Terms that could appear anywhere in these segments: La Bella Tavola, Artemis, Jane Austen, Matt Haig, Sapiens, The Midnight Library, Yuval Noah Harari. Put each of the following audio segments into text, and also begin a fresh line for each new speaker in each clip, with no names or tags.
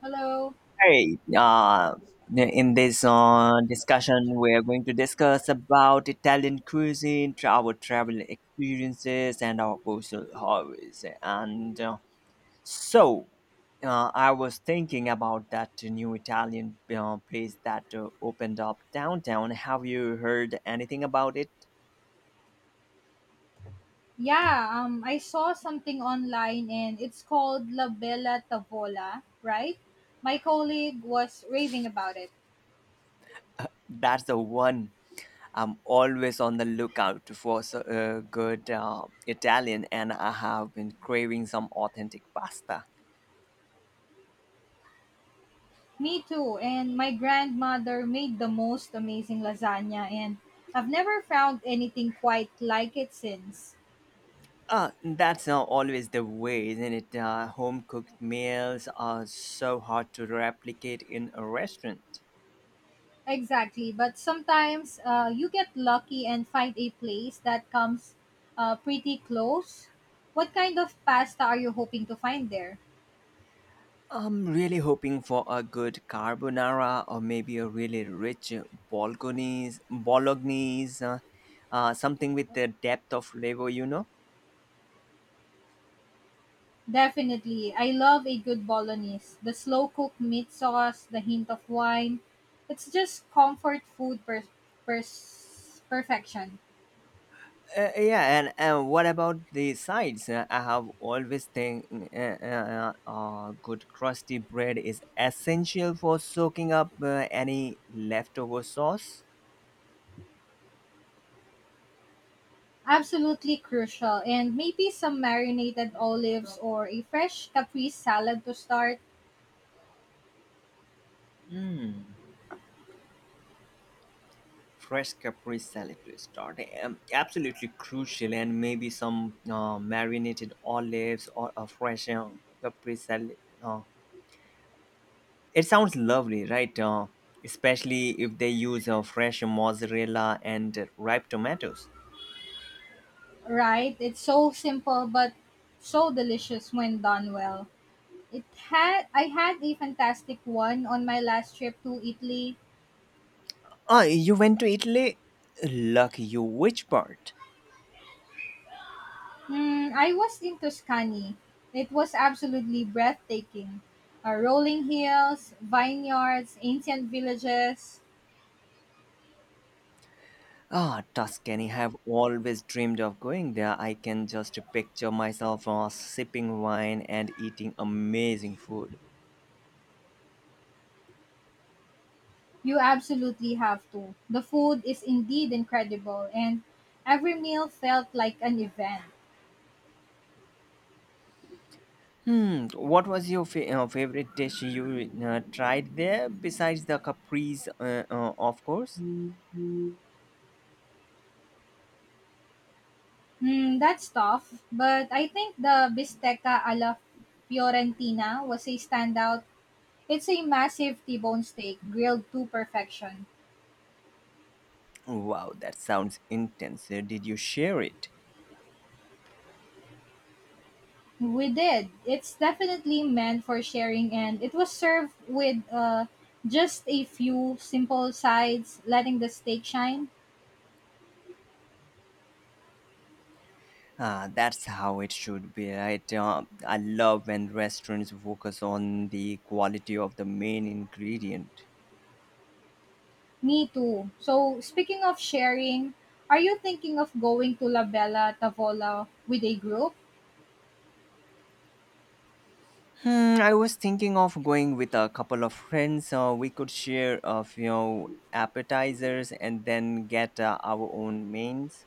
Hello.
Hey, in this discussion, we're going to discuss about Italian cuisine, our travel experiences, and our personal hobbies. So, I was thinking about that new Italian place that opened up downtown. Have you heard anything about it?
Yeah, I saw something online and it's called La Bella Tavola, right? My colleague was raving about it.
That's the one. I'm always on the lookout for good Italian, and I have been craving some authentic pasta.
Me too. And my grandmother made the most amazing lasagna, and I've never found anything quite like it since.
That's not always the way, isn't it? Home cooked meals are so hard to replicate in a restaurant.
Exactly. But sometimes you get lucky and find a place that comes pretty close. What kind of pasta are you hoping to find there?
I'm really hoping for a good carbonara or maybe a really rich bolognese, something with the depth of flavor, you know?
Definitely. I love a good bolognese. The slow cooked meat sauce, the hint of wine. It's just comfort food perfection.
Yeah, and what about the sides? I have always think good crusty bread is essential for soaking up any leftover sauce.
Absolutely crucial. And maybe some marinated olives or a fresh caprese salad to start.
Mm. Fresh Capri salad to start. Absolutely crucial, and maybe some marinated olives or a fresh Capri salad. It sounds lovely, right? Especially if they use fresh mozzarella and ripe tomatoes.
Right? It's so simple but so delicious when done well. It had I had a fantastic one on my last trip to Italy.
Ah, you went to Italy? Lucky you. Which part?
Mm, I was in Tuscany. It was absolutely breathtaking. Rolling hills, vineyards, ancient villages.
Ah, Tuscany. Have always dreamed of going there. I can just picture myself sipping wine and eating amazing food.
You absolutely have to. The food is indeed incredible, and every meal felt like an event.
Hmm. What was your favorite dish you tried there besides the caprese, of course?
Mm, that's tough, but I think the bisteca alla Fiorentina was a standout. It's a massive T-bone steak grilled to perfection.
Wow, that sounds intense. Did you share it?
We did. It's definitely meant for sharing, and it was served with just a few simple sides, letting the steak shine.
Ah, that's how it should be, right? I love when restaurants focus on the quality of the main ingredient.
Me too. So, speaking of sharing, are you thinking of going to La Bella Tavola with a group?
Hmm, I was thinking of going with a couple of friends. We could share a few appetizers and then get our own mains.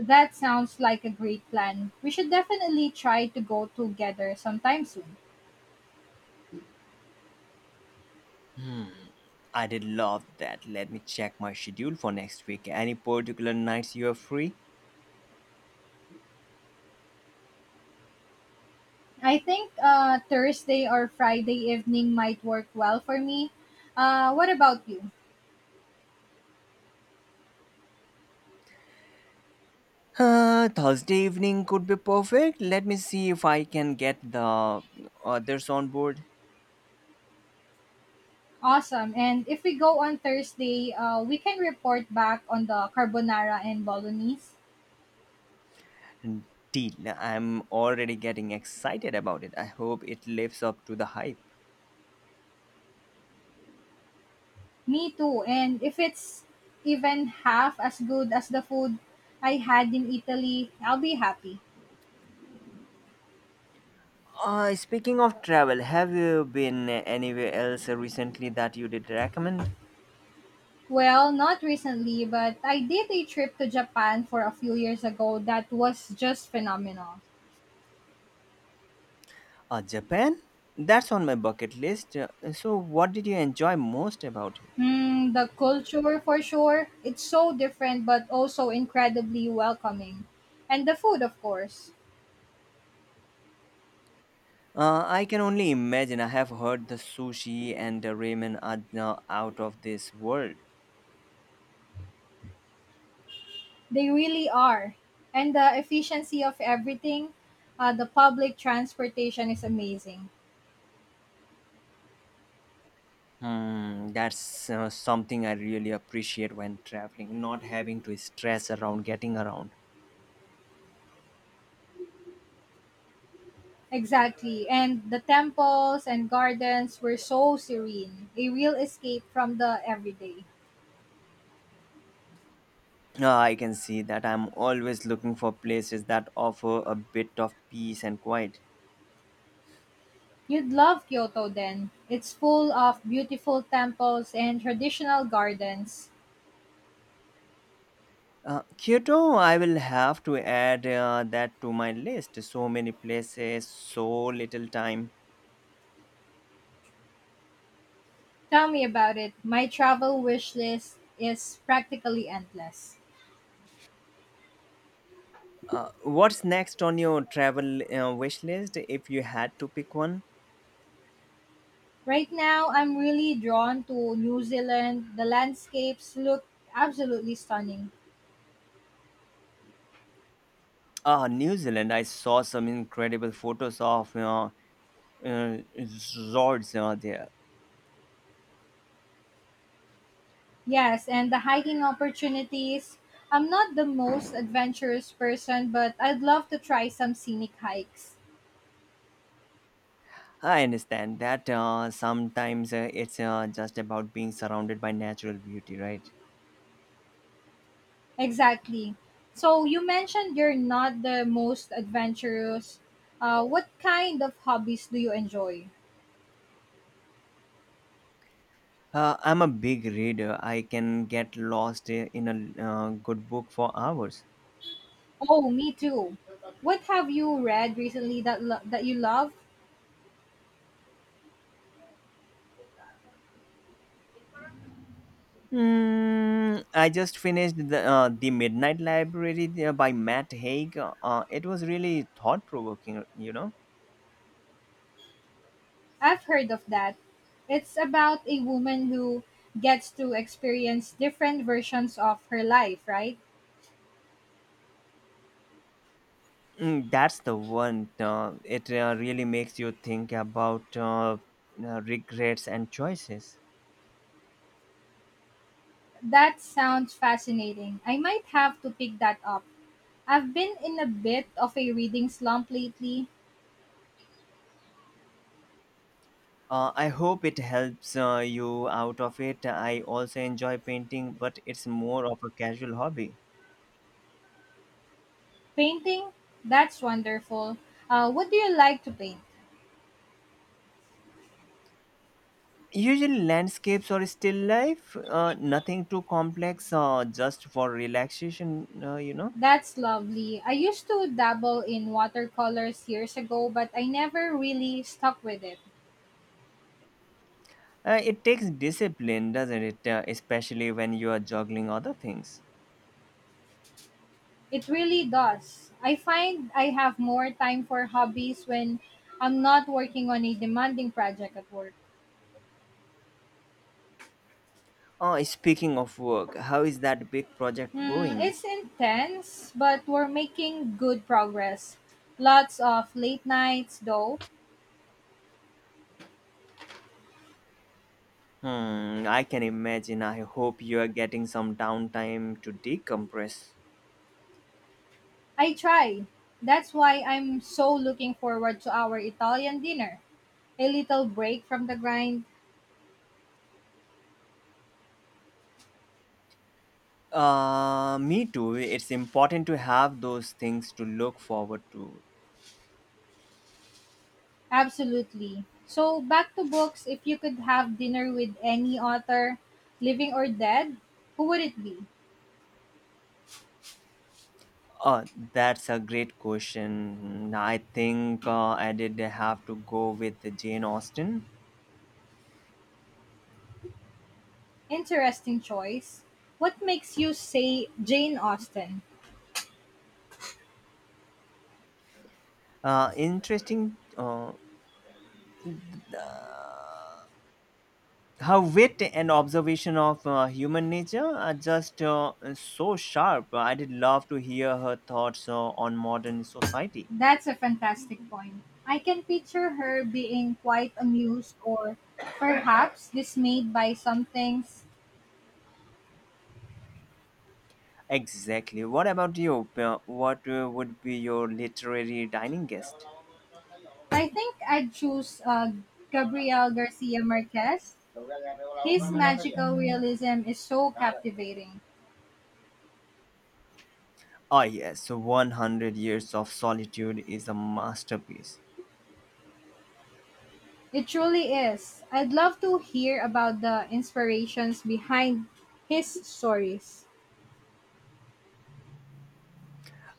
That sounds like a great plan. We should definitely try to go together sometime soon.
I did love that. Let me check my schedule for next week. Any particular nights you are free?
I think Thursday or Friday evening might work well for me. What about you?
Thursday evening could be perfect. Let me see if I can get the others on board.
Awesome. And if we go on Thursday, we can report back on the carbonara and bolognese.
Deal. I'm already getting excited about it. I hope it lives up to the hype.
Me too. And if it's even half as good as the food I had in Italy, I'll be happy.
Speaking of travel, have you been anywhere else recently that you did recommend?
Well, not recently, but I did a trip to Japan for a few years ago that was just phenomenal.
Japan? That's on my bucket list. So, what did you enjoy most about it?
Mm, the culture, for sure, it's so different but also incredibly welcoming. And the food, of course.
I can only imagine. I have heard the sushi and the ramen are now out of this world.
They really are. And the efficiency of everything, the public transportation is amazing.
Hmm, that's something I really appreciate when traveling, not having to stress around getting around.
Exactly. And the temples and gardens were so serene, a real escape from the everyday.
I can see that I'm always looking for places that offer a bit of peace and quiet.
You'd love Kyoto then. It's full of beautiful temples and traditional gardens.
Kyoto, I will have to add that to my list. So many places, so little time.
Tell me about it. My travel wish list is practically endless.
What's next on your travel wish list if you had to pick one?
Right now, I'm really drawn to New Zealand. The landscapes look absolutely stunning.
Ah, New Zealand. I saw some incredible photos of you know, resorts there.
Yes, and the hiking opportunities. I'm not the most adventurous person, but I'd love to try some scenic hikes.
I understand that sometimes it's just about being surrounded by natural beauty, right?
Exactly. So, you mentioned you're not the most adventurous. What kind of hobbies do you enjoy?
I'm a big reader. I can get lost in a good book for hours.
Oh, me too. What have you read recently that you love?
Mm, I just finished the Midnight Library there by Matt Haig. It was really thought provoking. You know,
I've heard of that. It's about a woman who gets to experience different versions of her life, right?
mm, that's the one. It really makes you think about regrets and choices.
That sounds fascinating. I might have to pick that up. I've been in a bit of a reading slump lately.
I hope it helps you out of it. I also enjoy painting, but it's more of a casual hobby.
Painting? That's wonderful. What do you like to paint?
Usually landscapes or still life, nothing too complex, just for relaxation.
That's lovely. I used to dabble in watercolors years ago, but I never really stuck with it.
It takes discipline, doesn't it? Especially when you are juggling other things.
It really does. I find I have more time for hobbies when I'm not working on a demanding project at work.
Oh, speaking of work, how is that big project
Hmm,
going?
it's intense, but we're making good progress. Lots of late nights, though.
Hmm, I can imagine. I hope you are getting some downtime to decompress.
I try. That's why I'm so looking forward to our Italian dinner. A little break from the grind.
Me too. It's important to have those things to look forward to.
Absolutely. So, back to books. If you could have dinner with any author, living or dead, who would it be?
Uh, that's a great question. I think I did have to go with Jane Austen.
Interesting choice. What makes you say Jane Austen?
Interesting. Her wit and observation of human nature are just so sharp. I'd love to hear her thoughts on modern society.
That's a fantastic point. I can picture her being quite amused or perhaps dismayed by some things.
Exactly. What about you? What would be your literary dining guest?
I think I'd choose Gabriel Garcia Marquez. His magical realism is so captivating.
Ah, yes, 100 Years of Solitude is a masterpiece.
It truly is. I'd love to hear about the inspirations behind his stories.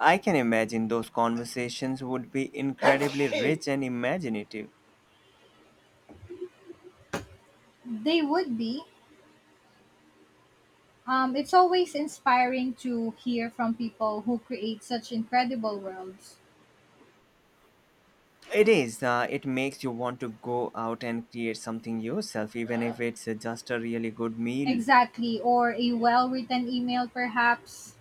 I can imagine those conversations would be incredibly rich and imaginative.
They would be it's always inspiring to hear from people who create such incredible worlds.
It is. It makes you want to go out and create something yourself, even if it's just a really good meal.
Exactly, or a well written email, perhaps.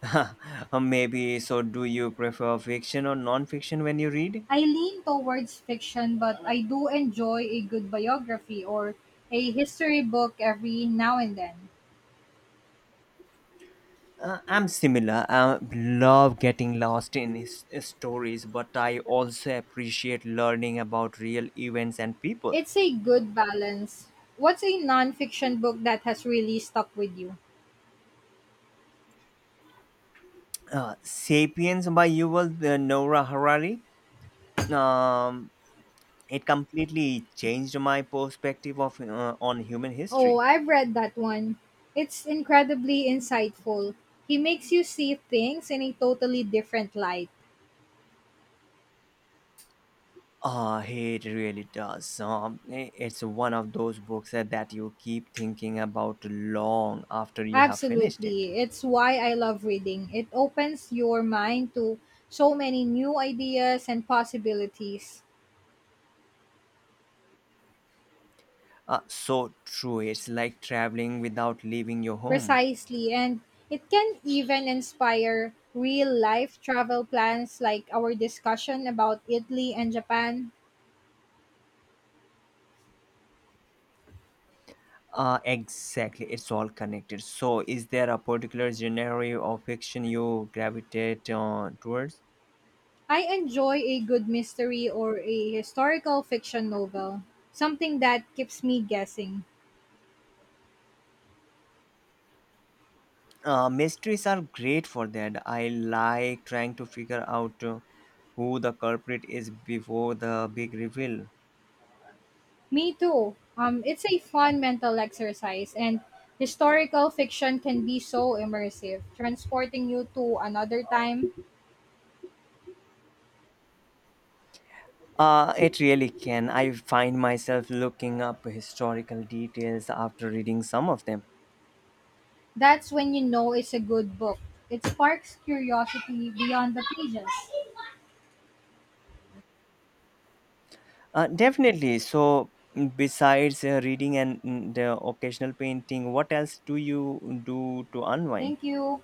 Maybe. So, do you prefer fiction or non-fiction when you read?
I lean towards fiction, but I do enjoy a good biography or a history book every now and then.
I'm similar. I love getting lost in his stories, but I also appreciate learning about real events and people.
It's a good balance. What's a non fiction book that has really stuck with you?
Sapiens by Yuval Noah Harari. Um, it completely changed my perspective of on human
Oh,
history.
I've read that one. It's incredibly insightful. He makes you see things in a totally different light.
Ah, it really does. So, it's one of those books that you keep thinking about long after you have finished it.
Absolutely. It's why I love reading. It opens your mind to so many new ideas and possibilities.
So true. It's like traveling without leaving your home.
Precisely. And it can even inspire real life travel plans like our discussion about Italy and Japan.
Exactly. It's all connected. So, is there a particular genre of fiction you gravitate towards?
I enjoy a good mystery or a historical fiction novel, something that keeps me guessing.
Mysteries are great for that. I like trying to figure out who the culprit is before the big reveal.
Me too. It's a fun mental exercise, and historical fiction can be so immersive, transporting you to another time.
It really can. I find myself looking up historical details after reading some of them.
That's when you know it's a good book. It sparks curiosity beyond the pages.
Definitely. So, mm, besides reading and mm, the occasional painting, what else do you do to unwind?
Thank you.